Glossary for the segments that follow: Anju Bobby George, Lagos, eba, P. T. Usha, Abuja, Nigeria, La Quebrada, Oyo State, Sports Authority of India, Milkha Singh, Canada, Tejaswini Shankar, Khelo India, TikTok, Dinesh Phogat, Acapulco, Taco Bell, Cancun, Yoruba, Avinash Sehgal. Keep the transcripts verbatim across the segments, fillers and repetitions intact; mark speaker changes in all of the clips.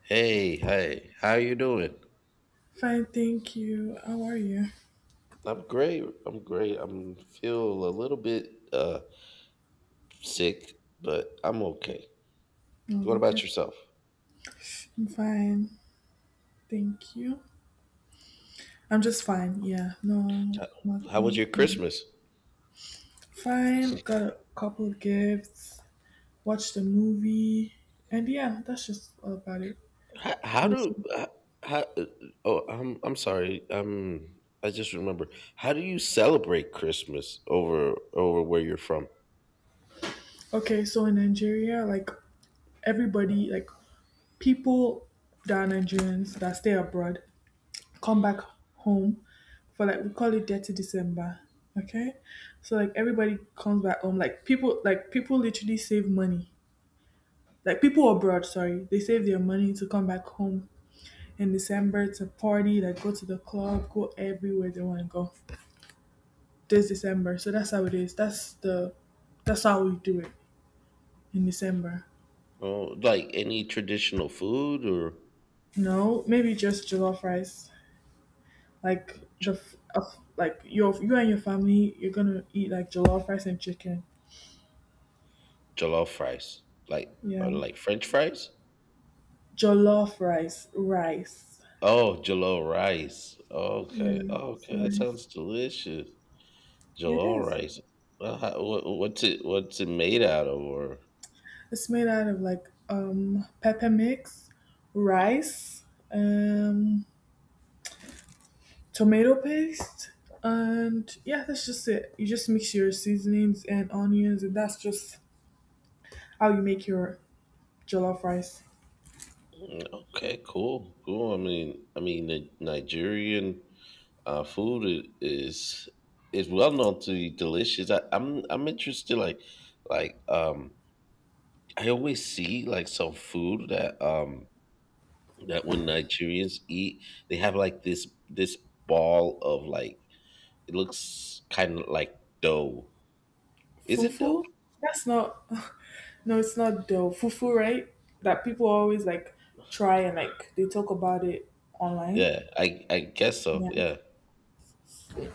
Speaker 1: Hey, hey, how you doing?
Speaker 2: Fine, thank you. How are you?
Speaker 1: I'm great. I'm great. I'm feel a little bit uh sick, but I'm okay. What
Speaker 2: Oh, okay.
Speaker 1: about yourself?
Speaker 2: I'm fine. Thank you. I'm just fine. Yeah, no,
Speaker 1: How was
Speaker 2: nothing.
Speaker 1: your
Speaker 2: Mm.
Speaker 1: Christmas?
Speaker 2: Fine. Got a couple gifts. Watched a movie, and yeah, that's just all about it.
Speaker 1: How, how do
Speaker 2: Listen.
Speaker 1: h- how, uh, uh, Oh, I'm I'm sorry. Um, I just remember. How do you celebrate Christmas over over where you're from?
Speaker 2: Okay, so in Nigeria, like everybody, like people that are Nigerians that stay abroad, come back home for, like, we call it dirty December. Okay. So like everybody comes back home. Like people like people literally save money. Like people abroad, sorry. They save their money to come back home in December to party, like go to the club, go everywhere they want to go. This December. So that's how it is. That's the that's how we do it in December.
Speaker 1: Oh, like any traditional food or
Speaker 2: No, maybe just jollof rice. Like the f- of like your you and your family, you're gonna eat like jollof rice and chicken.
Speaker 1: jollof rice? Like
Speaker 2: Yeah.
Speaker 1: or like French fries?
Speaker 2: Jollof rice, rice.
Speaker 1: Oh, jollof rice.
Speaker 2: Yeah,
Speaker 1: Okay,
Speaker 2: it's
Speaker 1: okay, that sounds
Speaker 2: rice.
Speaker 1: delicious.
Speaker 2: It
Speaker 1: Jollof
Speaker 2: is.
Speaker 1: rice. Well, how, what, what's it? What's it made out of? Or
Speaker 2: It's made out of like um pepper mix, rice, um tomato paste, and yeah, that's just it. You just mix your seasonings and onions, and that's just how you make your jollof rice.
Speaker 1: mm, okay, cool, cool. I mean, I mean, the Nigerian uh, food i- is is well known to be delicious. I, I'm I'm interested. Like, like um, I always see like some food that um that when Nigerians eat, they have like this this ball of like it looks kind of like dough. Is it
Speaker 2: Fufu?
Speaker 1: dough?
Speaker 2: That's not. No, it's not dough. Fufu, right? That people always like try and like they talk about it online.
Speaker 1: Yeah, I I guess so.
Speaker 2: Yeah.
Speaker 1: Yeah,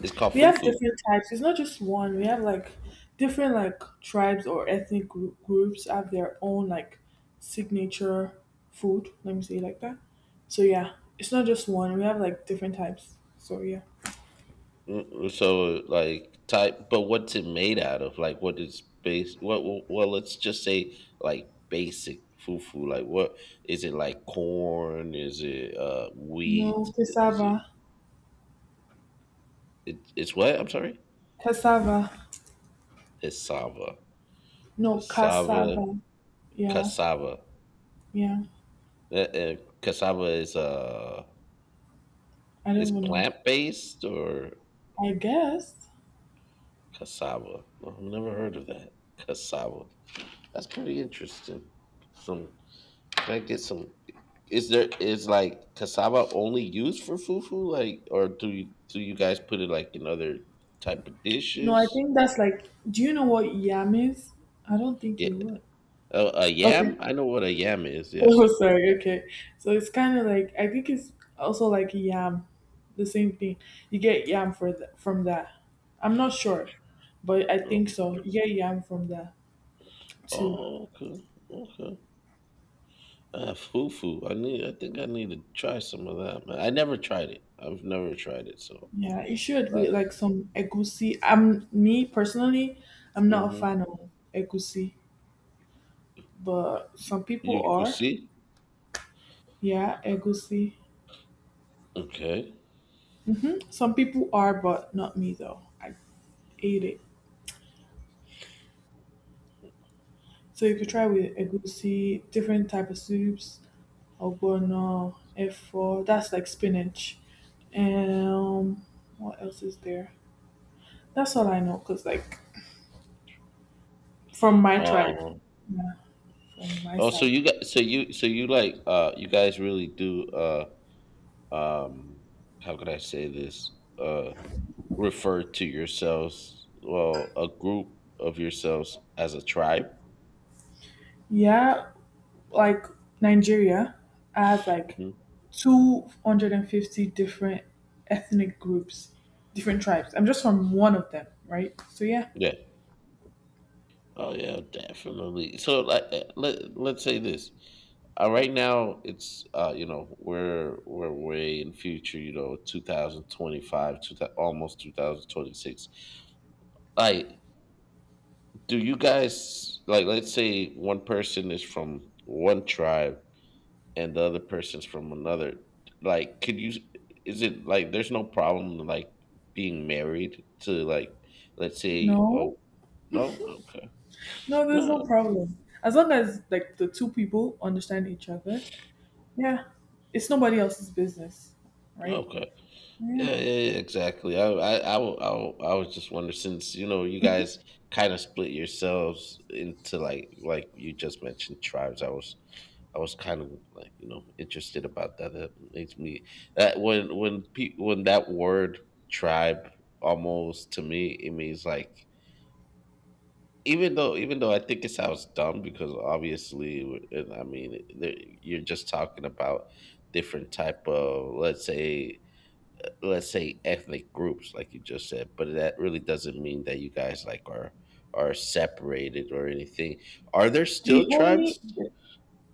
Speaker 1: it's called
Speaker 2: We have
Speaker 1: fufu.
Speaker 2: different types. It's not just one. We have like different like tribes or ethnic grou- groups have their own like signature food. Let me say it like that. So yeah, it's not just one. We have like different types. So yeah.
Speaker 1: Mm, so like type, but what's it made out of? Like what is base? What well, well, let's just say like basic fufu. Like what is it? Like corn? Is it uh
Speaker 2: No
Speaker 1: wheat? Is
Speaker 2: cassava,
Speaker 1: it, it it's what? I'm sorry.
Speaker 2: cassava.
Speaker 1: Cassava.
Speaker 2: No
Speaker 1: Cassava.
Speaker 2: cassava. Yeah,
Speaker 1: Cassava.
Speaker 2: yeah.
Speaker 1: Uh, uh, cassava is uh
Speaker 2: I
Speaker 1: is
Speaker 2: don't even know.
Speaker 1: plant based or
Speaker 2: I guess.
Speaker 1: cassava. No, I've never heard of that. Cassava. That's pretty interesting. Some can I get some is there is like cassava only used for fufu? Like or do you do you guys put it like in other type of
Speaker 2: No, I
Speaker 1: dishes?
Speaker 2: think that's like. Do you know what yam is? I don't think
Speaker 1: Yeah.
Speaker 2: you would.
Speaker 1: Uh, a
Speaker 2: Okay.
Speaker 1: yam? I know what a yam is, yeah.
Speaker 2: Oh, sorry. Okay. So it's kind of like I think it's also like yam, the same thing. You get yam for the, from that. I'm not sure, but I
Speaker 1: Oh,
Speaker 2: think so. You get yam from that too.
Speaker 1: oh, okay. Okay. Uh, fufu. I need I think I need to try some of that, man. I never tried it. I've never tried it, so
Speaker 2: Yeah, it should be
Speaker 1: like
Speaker 2: like some egusi. I'm me personally, I'm not a
Speaker 1: mm-hmm.
Speaker 2: fan of egusi, but some people
Speaker 1: You could
Speaker 2: are.
Speaker 1: see?
Speaker 2: Yeah, egusi.
Speaker 1: Okay.
Speaker 2: Hmm. Some people are, but not me though. I ate it. So you could try with egusi, different type of soups. Ogbono, efo. That's like spinach. Um, what else is there? That's all I know, cause like from my tribe,
Speaker 1: Um,
Speaker 2: yeah, from my
Speaker 1: oh, so
Speaker 2: side,
Speaker 1: you got so you so you like uh you guys really do uh um how could I say this uh refer to yourselves well a group of yourselves as a tribe.
Speaker 2: yeah, like Nigeria has like
Speaker 1: Hmm.
Speaker 2: two hundred and fifty different ethnic groups, different tribes. I'm just from one of them, right? So yeah,
Speaker 1: Yeah. Oh yeah, definitely. So like uh, let let's say this. Uh, right now it's uh you know we're we're way in future you know two thousand twenty-five two, almost twenty twenty-six like do you guys like let's say one person is from one tribe and the other person's from another like could you is it like there's no problem like being married to like let's say oh
Speaker 2: no,
Speaker 1: no okay
Speaker 2: no, there's no
Speaker 1: no,
Speaker 2: problem as long as like the two people understand each other. Yeah, it's nobody else's business, right?
Speaker 1: okay
Speaker 2: Yeah.
Speaker 1: yeah, yeah, yeah, exactly. I I I, wa- I wa- I was just wondering since you know you
Speaker 2: Mhm.
Speaker 1: guys kind of split yourselves into like like you just mentioned tribes. I was I was kind of like you know interested about that. That makes me that when when pe- when that word tribe almost to me it means like even though even though I think it sounds dumb because obviously w- and I mean there- you're just talking about different type of let's say let's say ethnic groups like you just said, but that really doesn't mean that you guys like are are separated or anything. Are there still
Speaker 2: The only
Speaker 1: tribes?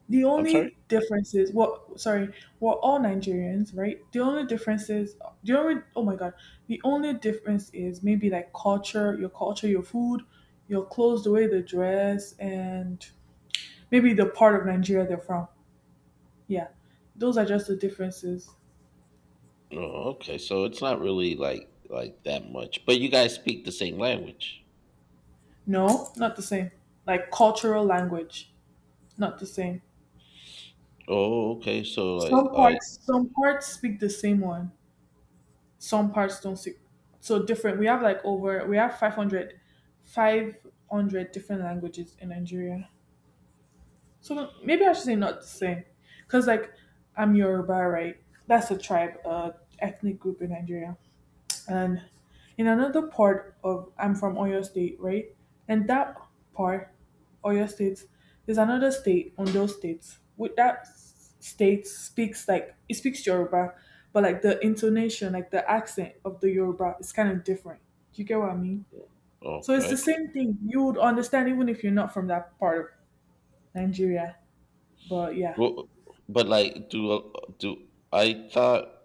Speaker 2: the
Speaker 1: I'm sorry.
Speaker 2: only difference is, what, sorry, we're all Nigerians, right? The only difference is the only, oh my god. The only difference is maybe like culture, your culture, your food, your clothes, the way they dress, and maybe the part of Nigeria they're from. Yeah. Those are just the differences.
Speaker 1: Oh, okay. So it's not really like like that much, but you guys speak the same language.
Speaker 2: No, not the same. Like cultural language. Not the same.
Speaker 1: Oh, okay. So like,
Speaker 2: Some
Speaker 1: I
Speaker 2: parts some parts speak the same one. Some parts don't. See, so different, we have like over we have five hundred, five hundred different languages in Nigeria. So maybe I should say not the same, because like I'm Yoruba, right? That's a tribe, uh ethnic group in Nigeria. And in another part of I'm from Oyo State, right? And that part, Oyo State, there's another state on those states. With that s- state speaks like it speaks Yoruba, but like the intonation, like the accent of the Yoruba is kind of different. Do you get what I mean? So it's the
Speaker 1: okay.
Speaker 2: same thing. You would understand even if you're not from that part of Nigeria. But yeah.
Speaker 1: Well, but like, do do I thought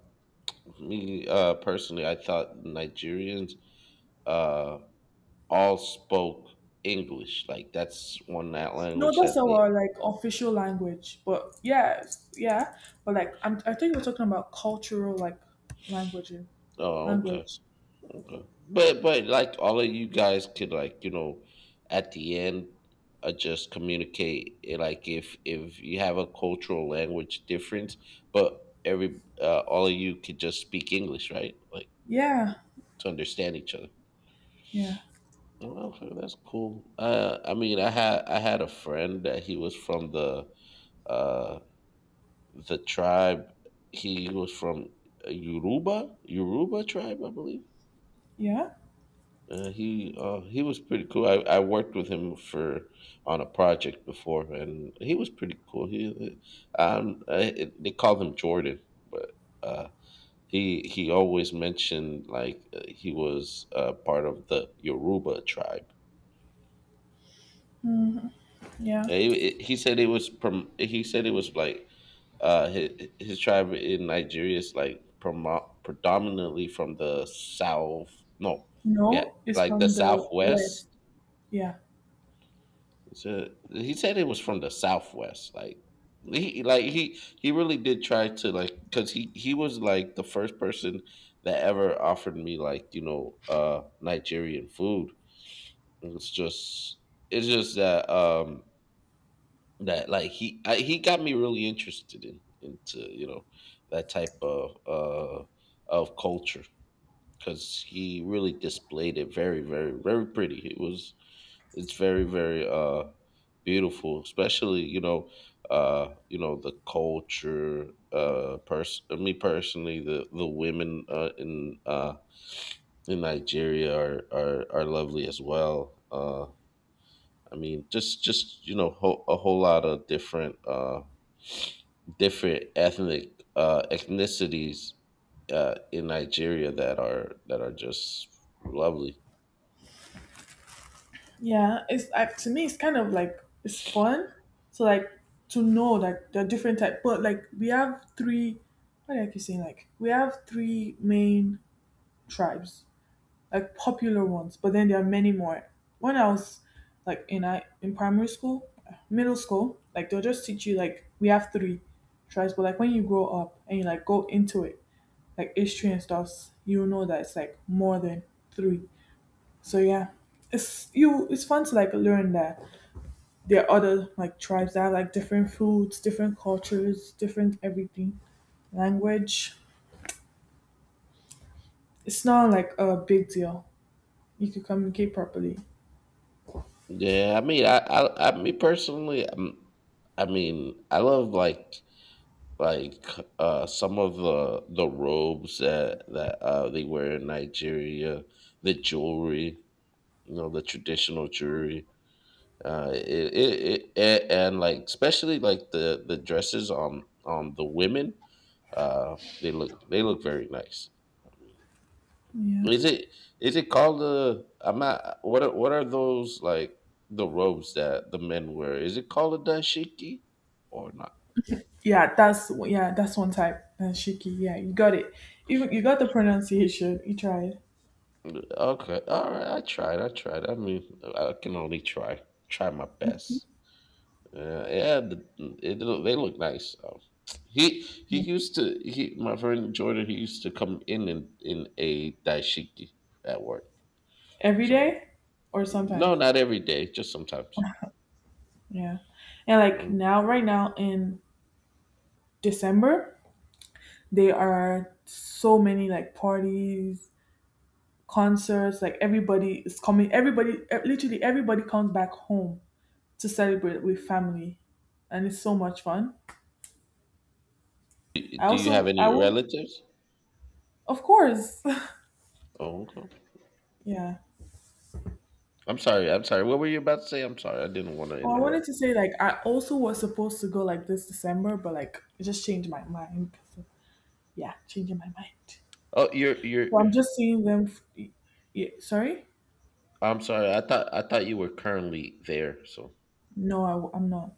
Speaker 1: me uh personally? I thought Nigerians uh all spoke English. Like that's one that
Speaker 2: No,
Speaker 1: language
Speaker 2: that's
Speaker 1: that the.
Speaker 2: our like official language, but yeah, yeah, but like I'm, I think we're talking about cultural like languages,
Speaker 1: Oh, okay.
Speaker 2: language.
Speaker 1: Okay. But but like all of you guys could like you know at the end uh, just communicate eh, like if if you have a cultural language difference, but every uh, all of you could just speak English, right? Like
Speaker 2: Yeah,
Speaker 1: to understand each other.
Speaker 2: yeah,
Speaker 1: Okay, that's cool. Uh, I mean, I had I had a friend that he was from the uh the tribe. He was from uh, Yoruba, Yoruba tribe, I believe.
Speaker 2: yeah,
Speaker 1: Uh, he uh, he was pretty cool. I, I worked with him for on a project before, and he was pretty cool. He um uh, they called him Jordan, but uh, he he always mentioned like uh, he was uh, part of the Yoruba tribe.
Speaker 2: hmm, yeah.
Speaker 1: And He, he said it was prom- he said it was like uh, his, his tribe in Nigeria is like promo- predominantly from the south. No, yeah,
Speaker 2: No, it's
Speaker 1: like the
Speaker 2: from the
Speaker 1: southwest.
Speaker 2: west. Yeah,
Speaker 1: So he said it was from the Southwest. Like he like he he really did try to like because he he was like the first person that ever offered me like you know uh Nigerian food. It's just it's just that um that like he I, he got me really interested in into you know that type of uh of culture because he really displayed it very very very pretty. It was it's very very uh beautiful, especially you know uh you know the culture uh person me personally the the women uh, in uh in Nigeria are are are lovely as well. uh I mean just just you know ho- a whole lot of different uh different ethnic uh ethnicities uh in Nigeria that are that are just lovely.
Speaker 2: yeah. It's uh, to me, it's kind of like it's fun. So like to know like the different type, but like we have three. What do I keep saying? Like we have three main tribes. Like popular ones, but then there are many more. When I was like in I in primary school, middle school, like they'll just teach you like we have three tribes, but like when you grow up and you like go into it, like history and stuff, you know that it's like more than three. So yeah. It's you it's fun to like learn that there are other like tribes that have like different foods, different cultures, different everything. Language. It's not like a big deal. You can communicate properly.
Speaker 1: Yeah, I mean, I, I, I, me personally, um, I mean, I love like, like, uh, some of the the robes that that uh they wear in Nigeria, the jewelry, you know, the traditional jewelry, uh, it, it, it a- and like especially like the the dresses on on the women, uh, they look they look very nice.
Speaker 2: Yeah.
Speaker 1: Is it is it called the I'm not what are, what are those like the robes that the men wear? Is it called a dashiki or not?
Speaker 2: Yeah, that's, yeah, that's one type. And shiki, yeah, you got it. Even you got the pronunciation. You tried.
Speaker 1: Okay, all right. I tried. I tried. I mean, I can only try. Try my best. Yeah, yeah. The, it, look- they look nice. So He he
Speaker 2: Yeah.
Speaker 1: used to he my friend Jordan. He used to come in in, in a dashiki at work.
Speaker 2: Every
Speaker 1: So
Speaker 2: day or
Speaker 1: no,
Speaker 2: sometimes.
Speaker 1: not every day. Just sometimes.
Speaker 2: Yeah. And like
Speaker 1: Mm.
Speaker 2: now right now in December, there are so many like parties, concerts, like everybody is coming, everybody, eh, literally everybody comes back home to celebrate with family. And it's so much fun.
Speaker 1: Do
Speaker 2: I
Speaker 1: do you have
Speaker 2: also
Speaker 1: any
Speaker 2: I will,
Speaker 1: relatives?
Speaker 2: of course.
Speaker 1: Oh, okay.
Speaker 2: Yeah.
Speaker 1: I'm sorry. I'm sorry. What were you about to say? I'm sorry. I didn't want to
Speaker 2: Well, I wanted
Speaker 1: interrupt.
Speaker 2: to say like I also was supposed to go like this December, but like I just changed my mind. So, yeah, changing my mind.
Speaker 1: Oh, you're you're.
Speaker 2: So I'm just seeing them. F- y- yeah, sorry,
Speaker 1: I'm sorry. I thought I thought you were currently there. So.
Speaker 2: no, I, w- I'm not.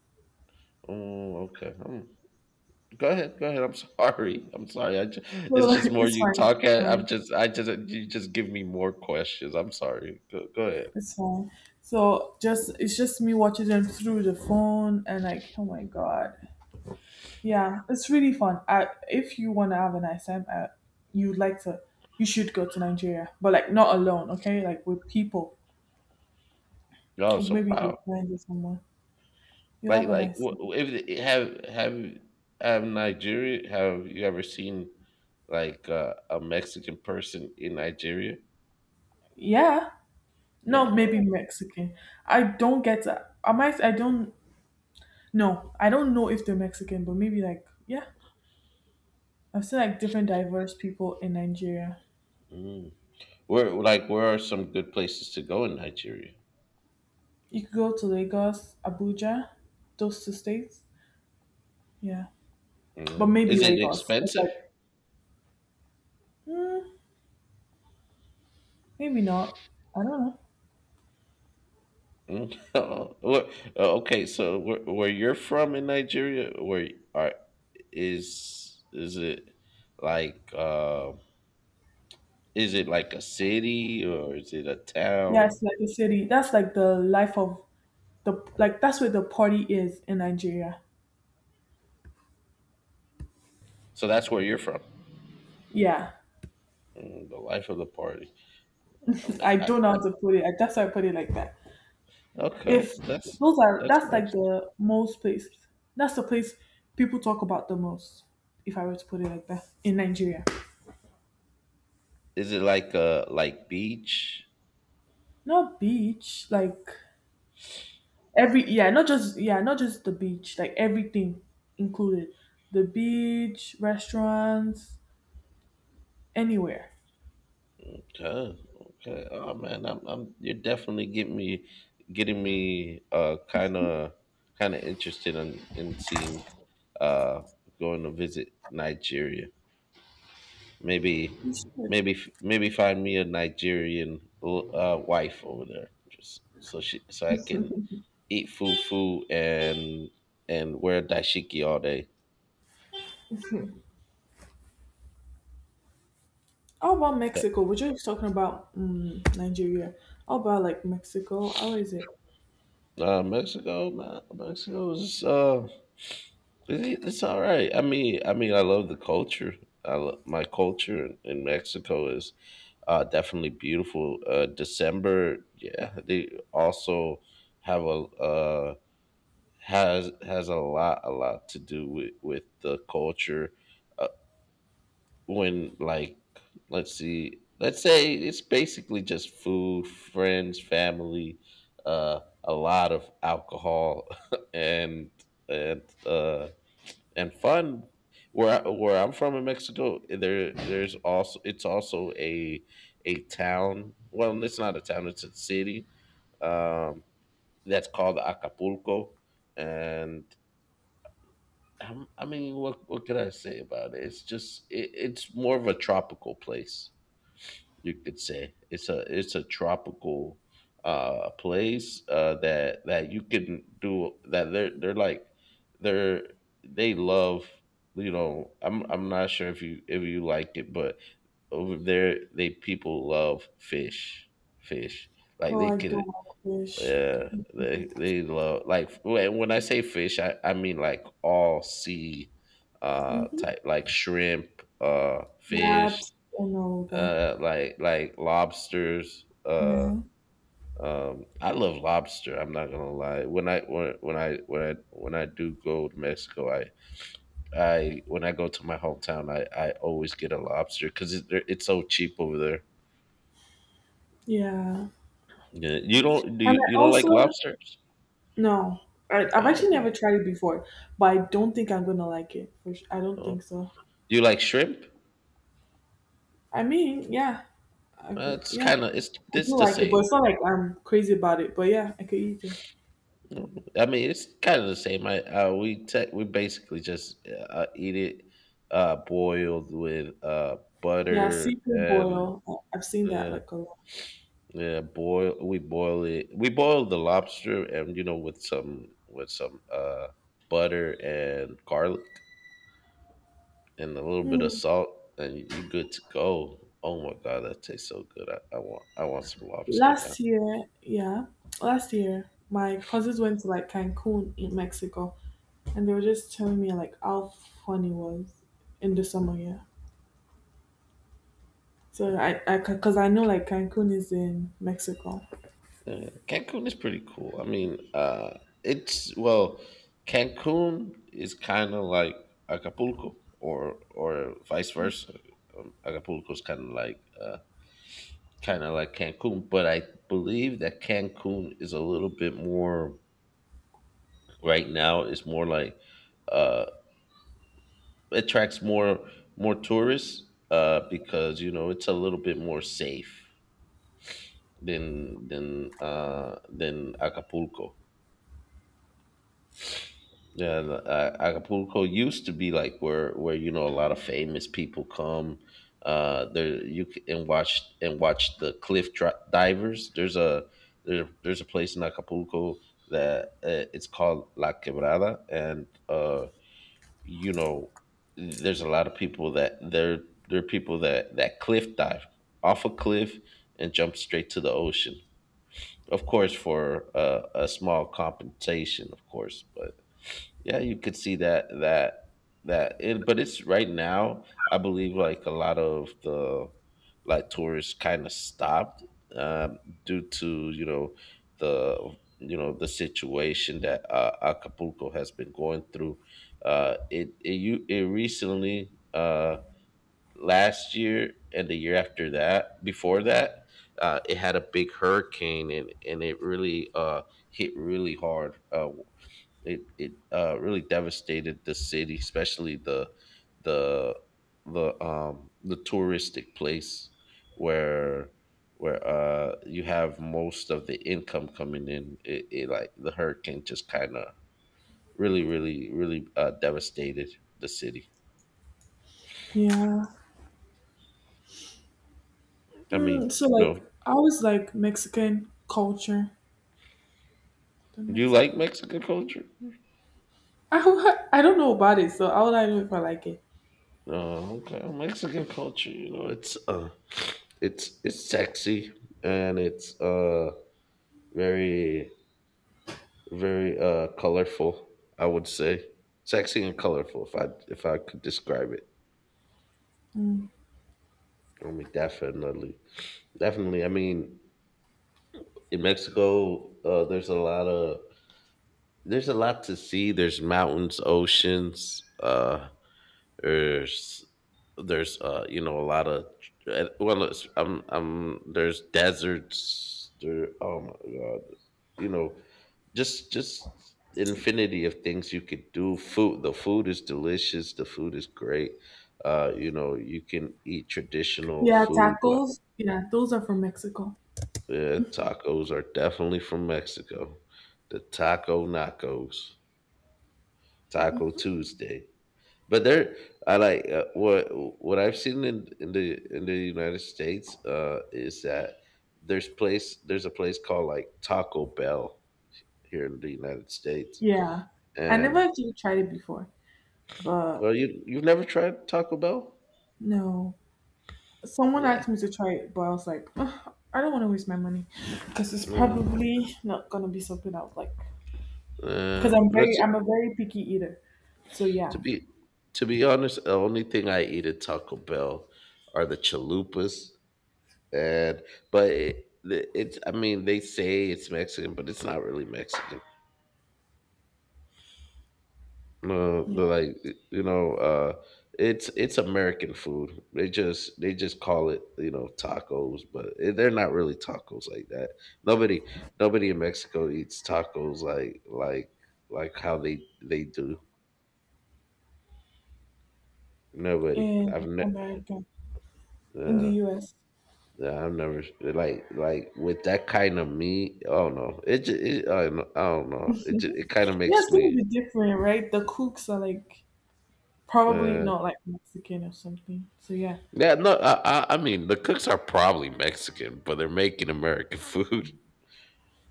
Speaker 1: Oh, okay. Um, go ahead. Go ahead. I'm sorry. I'm sorry. I just,
Speaker 2: So
Speaker 1: it's
Speaker 2: like,
Speaker 1: just more
Speaker 2: it's
Speaker 1: you
Speaker 2: fine,
Speaker 1: talk.
Speaker 2: it's
Speaker 1: At, I'm
Speaker 2: fine,
Speaker 1: just. I just. You just give me more questions. I'm sorry. Go, go ahead.
Speaker 2: it's fine. So just it's just me watching them through the phone and like oh my god, yeah, it's really fun. I if you want to have a nice time, uh, you'd like to, you should go to Nigeria, but like not alone, okay? Like with people,
Speaker 1: Oh,
Speaker 2: or
Speaker 1: so
Speaker 2: maybe you
Speaker 1: wow.
Speaker 2: find someone. You
Speaker 1: Like
Speaker 2: have a
Speaker 1: like
Speaker 2: nice.
Speaker 1: wh- wh- if it- have have have Nigeria? Have you ever seen like uh, a Mexican person in Nigeria?
Speaker 2: Yeah.
Speaker 1: Yeah.
Speaker 2: No, maybe Mexican. I don't get. Am I? I don't. No, I don't know if they're Mexican, but maybe like yeah. I've seen like different diverse people in Nigeria.
Speaker 1: Oh. Where like where are some good places to go in Nigeria?
Speaker 2: You could go to Lagos, Abuja, those two states. Yeah,
Speaker 1: You
Speaker 2: but
Speaker 1: know, is
Speaker 2: maybe
Speaker 1: it
Speaker 2: Lagos. It's
Speaker 1: expensive?
Speaker 2: like mm, maybe not. I don't know.
Speaker 1: Mm. Where, okay, so where, where you're from in Nigeria, where are is is it like uh, is it like a city or is it a
Speaker 2: Yeah,
Speaker 1: town?
Speaker 2: it's like the city. That's like the life of the like. That's where the party is in Nigeria.
Speaker 1: So that's where you're from.
Speaker 2: Yeah,
Speaker 1: Mm, the life of the party. Um,
Speaker 2: I
Speaker 1: I,
Speaker 2: don't know
Speaker 1: I,
Speaker 2: how to put it. That's why I put it like that.
Speaker 1: okay,
Speaker 2: If
Speaker 1: that's
Speaker 2: those are,
Speaker 1: that's
Speaker 2: that's like
Speaker 1: nice.
Speaker 2: the most place, that's the place people talk about the most, if I were to put it like that. In Nigeria.
Speaker 1: Is it like a like beach?
Speaker 2: Not beach, like every yeah, not just, yeah, not just the beach, like everything included. The beach, restaurants, anywhere.
Speaker 1: Okay. Okay. Oh man, I'm, I'm you're definitely getting me getting me uh kind of kind of interested in in seeing uh going to visit Nigeria. Maybe
Speaker 2: You should.
Speaker 1: maybe f- maybe find me a Nigerian uh wife over there just so she so I can eat fufu and and wear dashiki all day.
Speaker 2: How about Mexico? We're just talking about um, Nigeria. How about like Mexico? How is it?
Speaker 1: Uh, Mexico, nah, Mexico is uh It- it's all right. I mean, I mean, I love the culture. I love, my culture in in Mexico is uh, definitely beautiful. Uh, December, yeah, they also have a uh, has has a lot a lot to do with with the culture. Uh, when like, let's see, let's say it's basically just food, friends, family, uh, a lot of alcohol, and and uh and fun. Where I, where I'm from in Mexico, there there's also it's also a a town. Well, it's not a town; it's a city um, that's called Acapulco, and i I mean, what what can I say about it? It's just it, it's more of a tropical place you could say it's a it's a tropical uh place uh that that you can do that they're they're like they're they love you know i'm i'm not sure if you if you like it but over there they people love fish fish like
Speaker 2: Oh,
Speaker 1: they
Speaker 2: I
Speaker 1: can
Speaker 2: don't like fish.
Speaker 1: yeah, they they love like when when I say fish i I mean like all sea uh
Speaker 2: Mm-hmm.
Speaker 1: type like shrimp uh fish
Speaker 2: Crabs and all that.
Speaker 1: uh, like like lobsters. Uh,
Speaker 2: Yeah.
Speaker 1: um, I love lobster. I'm not gonna lie. When I when when I when I when I do go to Mexico, I I when I go to my hometown, I I always get a lobster because it, they're- it's so cheap over there.
Speaker 2: Yeah.
Speaker 1: Yeah, you don't do
Speaker 2: And
Speaker 1: you, you
Speaker 2: I
Speaker 1: don't like
Speaker 2: also
Speaker 1: lobsters?
Speaker 2: no. I, I've
Speaker 1: Oh,
Speaker 2: actually never
Speaker 1: what?
Speaker 2: tried it before, but I don't think I'm gonna like it. For su- I don't think
Speaker 1: No.
Speaker 2: so.
Speaker 1: You like shrimp?
Speaker 2: I mean, yeah, I
Speaker 1: Uh,
Speaker 2: could.
Speaker 1: it's
Speaker 2: Yeah,
Speaker 1: kind of
Speaker 2: I
Speaker 1: it's it's
Speaker 2: do
Speaker 1: the
Speaker 2: like it, but
Speaker 1: same.
Speaker 2: it's not like I'm crazy about it. But yeah, I could eat it.
Speaker 1: Mm, I mean, it's kind of the same. I uh, we te- we basically just uh, eat it uh, boiled with uh,
Speaker 2: Yeah,
Speaker 1: butter
Speaker 2: seafood
Speaker 1: and
Speaker 2: boil. I- I've seen that
Speaker 1: uh,
Speaker 2: like a lot.
Speaker 1: yeah, boil. We boil it. We boil the lobster and you know with some with some uh, butter and garlic and a little bit of
Speaker 2: Hmm.
Speaker 1: salt, and you good to go. Oh my god, that tastes so good. I, I want I want some lobster now.
Speaker 2: Last year, yeah, last year, my cousins went to like Cancun in Mexico, and they were just telling me like how fun it was in the summer. Yeah, so I, I, because I know like Cancun is in Mexico.
Speaker 1: Uh, Cancun is pretty cool. I mean, uh, it's well, Cancun is kind of like Acapulco, or or vice versa. Um, Acapulco is kind of like uh, kind of like Cancun, but I believe that Cancun is a little bit more right now. It's more like uh, attracts more more tourists, uh, because you know it's a little bit more safe than than uh, than Acapulco. Yeah, and, uh, Acapulco used to be like where where you know a lot of famous people come. Uh, there you c- and watch and watch the cliff dri- divers. There's a there, there's a place in Acapulco that uh, it's called La Quebrada, and uh, you know there's a lot of people that there there are people that that cliff dive off a cliff and jump straight to the ocean. Of course, for uh, a small compensation, of course, but yeah, you could see that that that it but it's right now, I believe like a lot of the like tourists kind of stopped, um due to, you know, the you know, the situation that uh, Acapulco has been going through. Uh it it you it recently, uh last year and the year after that, before that, uh it had a big hurricane, and and it really uh hit really hard. Uh it it uh, really devastated the city, especially the the the um the touristic place where where uh you have most of the income coming in. It, it like the hurricane just kind of really really really uh, devastated the city.
Speaker 2: Yeah.
Speaker 1: I mean,
Speaker 2: Mm, so
Speaker 1: you
Speaker 2: like,
Speaker 1: know,
Speaker 2: I always like Mexican culture. The
Speaker 1: do you
Speaker 2: Mexican.
Speaker 1: like Mexican culture?
Speaker 2: I, w- I don't know about it, so how would I know if I like it?
Speaker 1: Oh, okay. Well, Mexican culture, you know, it's uh it's it's sexy, and it's uh very very uh colorful, I would say. Sexy and colorful if I if I could describe it. I mean, definitely. Definitely. I mean, in Mexico, uh there's a lot of, there's a lot to see. There's mountains, oceans, uh there's there's uh you know, a lot of, uh, well it's- I'm I'm there's deserts there. Oh my god, you know, just just infinity of things you could do. Food, the food is delicious, the food is great. Uh you know, you can eat traditional
Speaker 2: Yeah,
Speaker 1: food like,
Speaker 2: tacos. Yeah, those are from Mexico.
Speaker 1: yeah, tacos are definitely from Mexico. The taco nachos, taco Tuesday, but there, I like uh, what what I've seen in, in the in the United States uh is that there's place there's a place called like Taco Bell here in the United States,
Speaker 2: Yeah. I never
Speaker 1: and.
Speaker 2: actually tried it before, but
Speaker 1: Oh, you you've never tried Taco Bell?
Speaker 2: no. Someone
Speaker 1: Yeah.
Speaker 2: asked me to try it, but I was like, "Ugh, I don't want to waste my money because it's
Speaker 1: No.
Speaker 2: probably not gonna be something I would like. Because
Speaker 1: Uh,
Speaker 2: I'm very,
Speaker 1: that's
Speaker 2: I'm a very picky eater. So
Speaker 1: to
Speaker 2: yeah,
Speaker 1: be To be honest, the only thing I eat at Taco Bell are the chalupas, and but it, the- it's, I mean, they say it's Mexican, but it's not really Mexican. No, the like, you know, uh it's it's American food. They just they just call it, you know, tacos, but it, they're not really tacos like that. Nobody nobody in Mexico eats tacos like like like how they they do. Nobody.
Speaker 2: in
Speaker 1: I've never
Speaker 2: America, in the
Speaker 1: uh,
Speaker 2: U S.
Speaker 1: yeah, I've never like like with that kind of meat. Oh no, it, ju- it I don't know. I don't know.
Speaker 2: Yeah,
Speaker 1: It ju- it kind of makes
Speaker 2: it's gonna
Speaker 1: me,
Speaker 2: be different, right? The cooks are like probably
Speaker 1: uh,
Speaker 2: not like Mexican or something. So yeah,
Speaker 1: yeah, no, I, I, I mean, the cooks are probably Mexican, but they're making American food.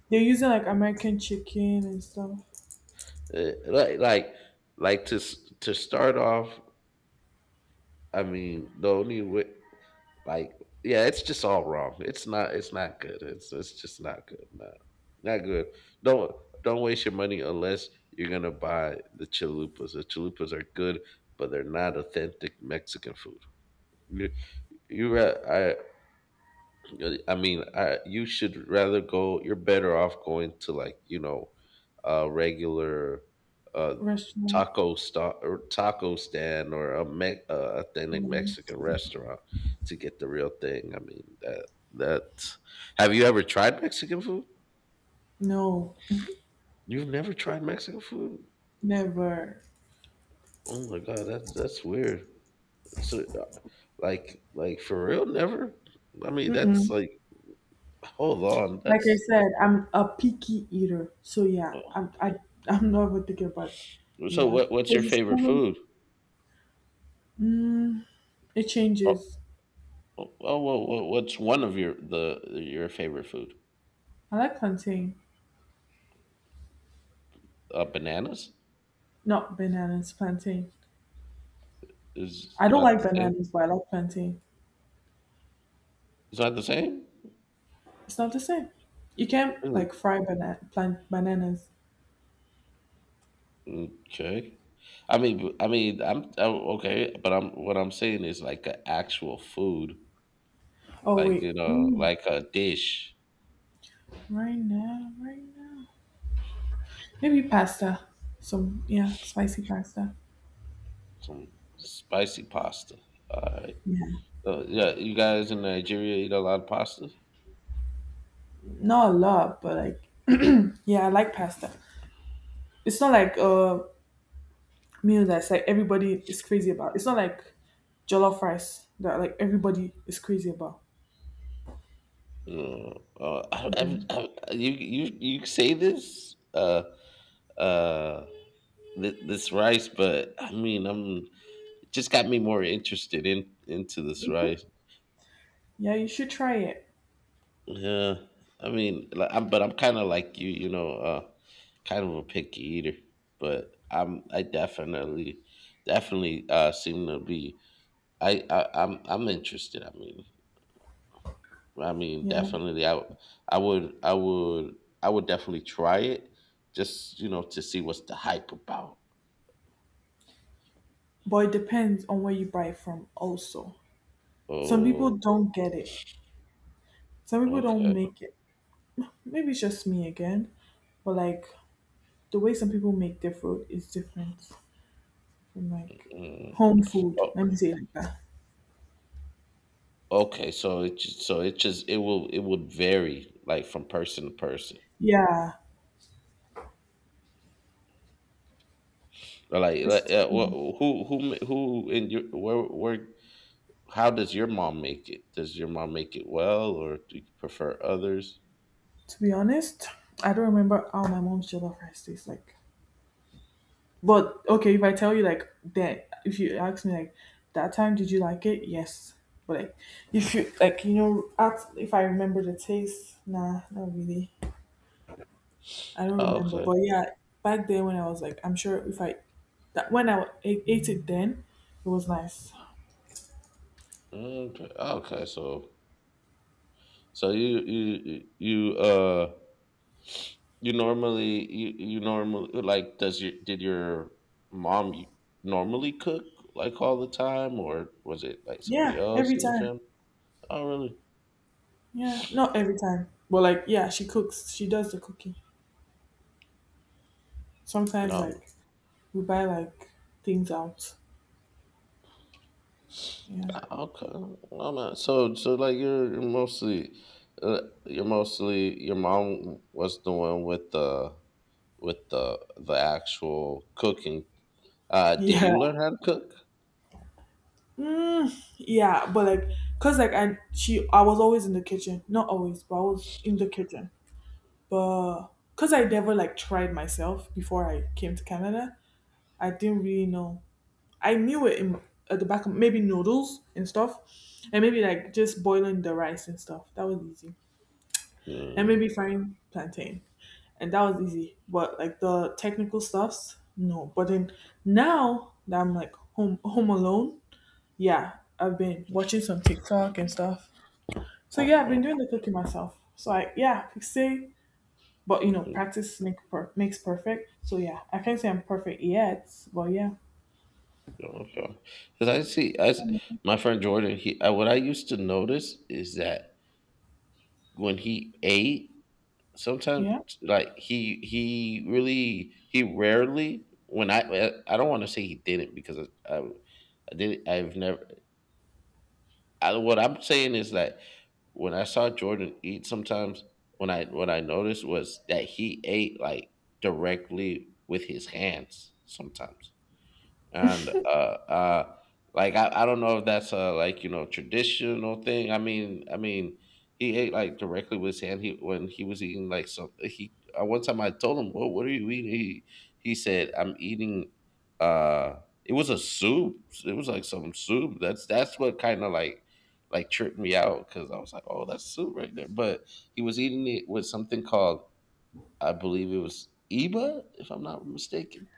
Speaker 2: they're using like American chicken and stuff.
Speaker 1: Uh, like like like to s- to start off, I mean the only way like yeah, it's just all wrong. It's not, it's not good. it's it's just not good. No, not good. don't don't waste your money unless you're gonna buy the chalupas. The chalupas are good, but they're not authentic Mexican food. you, you ra- I. Uh, I mean, I, you should rather go. You're better off going to like, you know, a regular, uh,
Speaker 2: Restaurant?
Speaker 1: taco sta- or taco stand, or a me- uh, authentic
Speaker 2: Mm,
Speaker 1: Mexican restaurant to get the real thing. I mean, that that. Have you ever tried Mexican food?
Speaker 2: No,
Speaker 1: You've never tried Mexican food?
Speaker 2: never.
Speaker 1: Oh my god, that's that's weird. So, uh, like, like for real, never. I mean, that's
Speaker 2: Mm-mm.
Speaker 1: like, hold on,
Speaker 2: Like I
Speaker 1: that's.
Speaker 2: said, I'm a picky eater. So yeah,
Speaker 1: Oh,
Speaker 2: I'm I, I'm not even thinking about it.
Speaker 1: so,
Speaker 2: Yeah,
Speaker 1: what what's your
Speaker 2: because it's
Speaker 1: favorite
Speaker 2: probably
Speaker 1: food?
Speaker 2: mm, it
Speaker 1: Oh,
Speaker 2: changes.
Speaker 1: Well, well, well, what's one of your the your favorite food?
Speaker 2: I like plantain,
Speaker 1: Uh, bananas
Speaker 2: not bananas. Plantain.
Speaker 1: is
Speaker 2: I don't
Speaker 1: not
Speaker 2: like
Speaker 1: the same.
Speaker 2: bananas, but I like plantain.
Speaker 1: It's not the same.
Speaker 2: It's not the same. You can't
Speaker 1: Really?
Speaker 2: like fry banana plant bananas.
Speaker 1: Okay. I mean, I mean, I'm, I Okay, but I'm what I'm saying is like an actual food,
Speaker 2: Oh
Speaker 1: like, you
Speaker 2: wait,
Speaker 1: know,
Speaker 2: mm,
Speaker 1: like a dish,
Speaker 2: right now, right now, maybe pasta. Some yeah, spicy pasta.
Speaker 1: some spicy pasta. All right.
Speaker 2: Yeah,
Speaker 1: Uh, yeah, you guys in Nigeria eat a lot of pasta.
Speaker 2: not a lot, but like yeah, I like pasta. It's not like a meal that's like everybody is crazy about. It's not like jollof rice that like everybody is crazy about.
Speaker 1: Uh, uh,
Speaker 2: Yeah,
Speaker 1: I, I, I, you you you say this? Uh, uh, thi- this rice, but I mean, I'm it just got me more interested in into this rice.
Speaker 2: yeah, you should try it.
Speaker 1: Yeah, I mean, li- I'm, but I'm kind of like you, you know, uh, kind of a picky eater. But I'm, I definitely, definitely uh, seem to be. I, I, I'm, I'm interested. I mean, I mean,
Speaker 2: Yeah,
Speaker 1: definitely, I I would, I would, I would definitely try it, just, you know, to see what's the hype about.
Speaker 2: but it depends on where you buy it from. Also, some people
Speaker 1: Oh,
Speaker 2: don't get it. Some people don't
Speaker 1: okay.
Speaker 2: make it. Maybe it's just me again, but like the way some people make their food is different from like
Speaker 1: Mm.
Speaker 2: home food.
Speaker 1: Oh,
Speaker 2: Let me say it like that.
Speaker 1: okay, so it just, so it just it will it would vary like from person to person.
Speaker 2: Yeah,
Speaker 1: Or, Like, like
Speaker 2: it's
Speaker 1: uh,
Speaker 2: yeah.
Speaker 1: wh- who who ma- who in your, where where how does your mom make it? Does your mom make it well, or do you prefer others?
Speaker 2: To be honest, I don't remember how my mom's jollof rice tastes like. But okay, if I tell you like that, if you ask me like that time, did you like it? Yes. But like if you like you know, at, if I remember the taste, nah, not really. I don't
Speaker 1: Oh,
Speaker 2: remember,
Speaker 1: okay,
Speaker 2: but yeah, back then when I was like, I'm sure if I that when I a- ate it then, it was nice.
Speaker 1: okay, okay. So, so you you you uh you normally, you you normally like, does your did your mom, y- normally cook like all the time, or was it like somebody
Speaker 2: Yeah,
Speaker 1: else
Speaker 2: every
Speaker 1: in your
Speaker 2: time.
Speaker 1: family? Oh, really?
Speaker 2: Yeah, not every time, but like yeah, she cooks. She does the cooking. Sometimes
Speaker 1: No, no.
Speaker 2: like we buy like things out. Yeah.
Speaker 1: Okay, I'm not, so so like you're you're mostly, uh, you're mostly your mom was the one with the with the the actual cooking. Uh, did
Speaker 2: Yeah.
Speaker 1: you learn how to cook?
Speaker 2: Mm, yeah, but like, cause like I she I was always in the kitchen, not always, but I was in the kitchen. But cause I never like tried myself before I came to Canada, I didn't really know I knew it in, at the back of maybe noodles and stuff, and maybe like just boiling the rice and stuff. That was easy, and
Speaker 1: Mm,
Speaker 2: maybe frying plantain, and that was easy. But like the technical stuffs, no. But then now that I'm like home home alone, yeah, I've been watching some TikTok and stuff. So yeah, I've been
Speaker 1: okay.
Speaker 2: doing the cooking myself. So I yeah, I say, but you know,
Speaker 1: Mm,
Speaker 2: practice make per- makes perfect. So yeah, I can't say I'm perfect yet, but yeah,
Speaker 1: okay. Because I see, I s- my friend Jordan. He I, what I used to notice is that when he ate. sometimes
Speaker 2: yeah.
Speaker 1: like, he he really, he rarely, when I I I don't want to say he didn't, because I I, I did I've never, I, what I'm saying is that when I saw Jordan eat sometimes, when I what I noticed was that he ate like directly with his hands sometimes, and uh uh like, I, I don't know if that's a like, you know, traditional thing. I mean i mean he ate like directly with his hand, he when he was eating like some, he uh, one time I told him, well, what are you eating? He he said, I'm eating, uh it was a soup. It was like some soup. that's that's what kind of like like tripped me out, because I was like, oh, that's soup right there. But he was eating it with something called, I believe it was eba, if I'm not mistaken.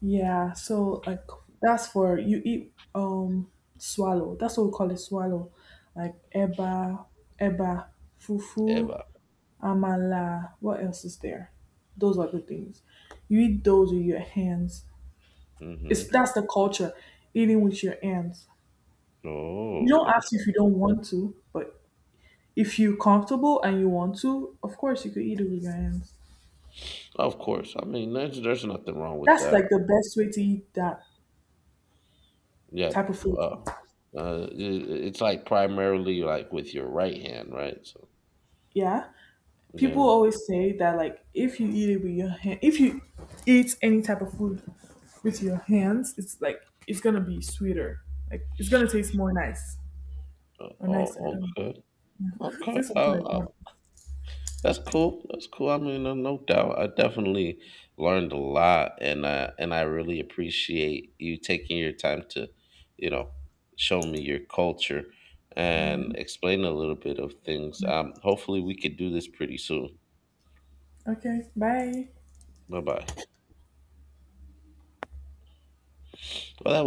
Speaker 2: Yeah, so like that's for you eat um swallow. That's what we call it swallow. Like eba, eba, fufu,
Speaker 1: Eba.
Speaker 2: amala. What else is there? Those are the things. You eat those with your hands. It's
Speaker 1: Hmm.
Speaker 2: that's the culture, eating with your hands. You
Speaker 1: Oh,
Speaker 2: don't ask if you don't want to, but if you're comfortable and you want to, of course you could eat it with your hands.
Speaker 1: of course. I mean, there's there's nothing wrong with
Speaker 2: That's like
Speaker 1: that.
Speaker 2: the best way to eat that
Speaker 1: Yeah,
Speaker 2: type of food.
Speaker 1: uh, uh, it, it's like primarily like with your right hand, right? So
Speaker 2: Yeah. People
Speaker 1: yeah.
Speaker 2: always say that, like, if you eat it with your hand, if you eat any type of food with your hands, it's like it's gonna be sweeter, like it's gonna taste more nice
Speaker 1: Uh,
Speaker 2: or nicer. I
Speaker 1: Oh,
Speaker 2: don't,
Speaker 1: okay,
Speaker 2: is this
Speaker 1: okay.
Speaker 2: something
Speaker 1: Uh,
Speaker 2: I
Speaker 1: uh,
Speaker 2: want,
Speaker 1: that's cool. That's cool. I mean, uh, no doubt. I definitely learned a lot, and uh, and I really appreciate you taking your time to, you know, show me your culture
Speaker 2: yeah,
Speaker 1: and explain a little bit of things.
Speaker 2: like,
Speaker 1: Um, hopefully, we could do this pretty soon.
Speaker 2: okay, bye.
Speaker 1: Bye bye. Well, that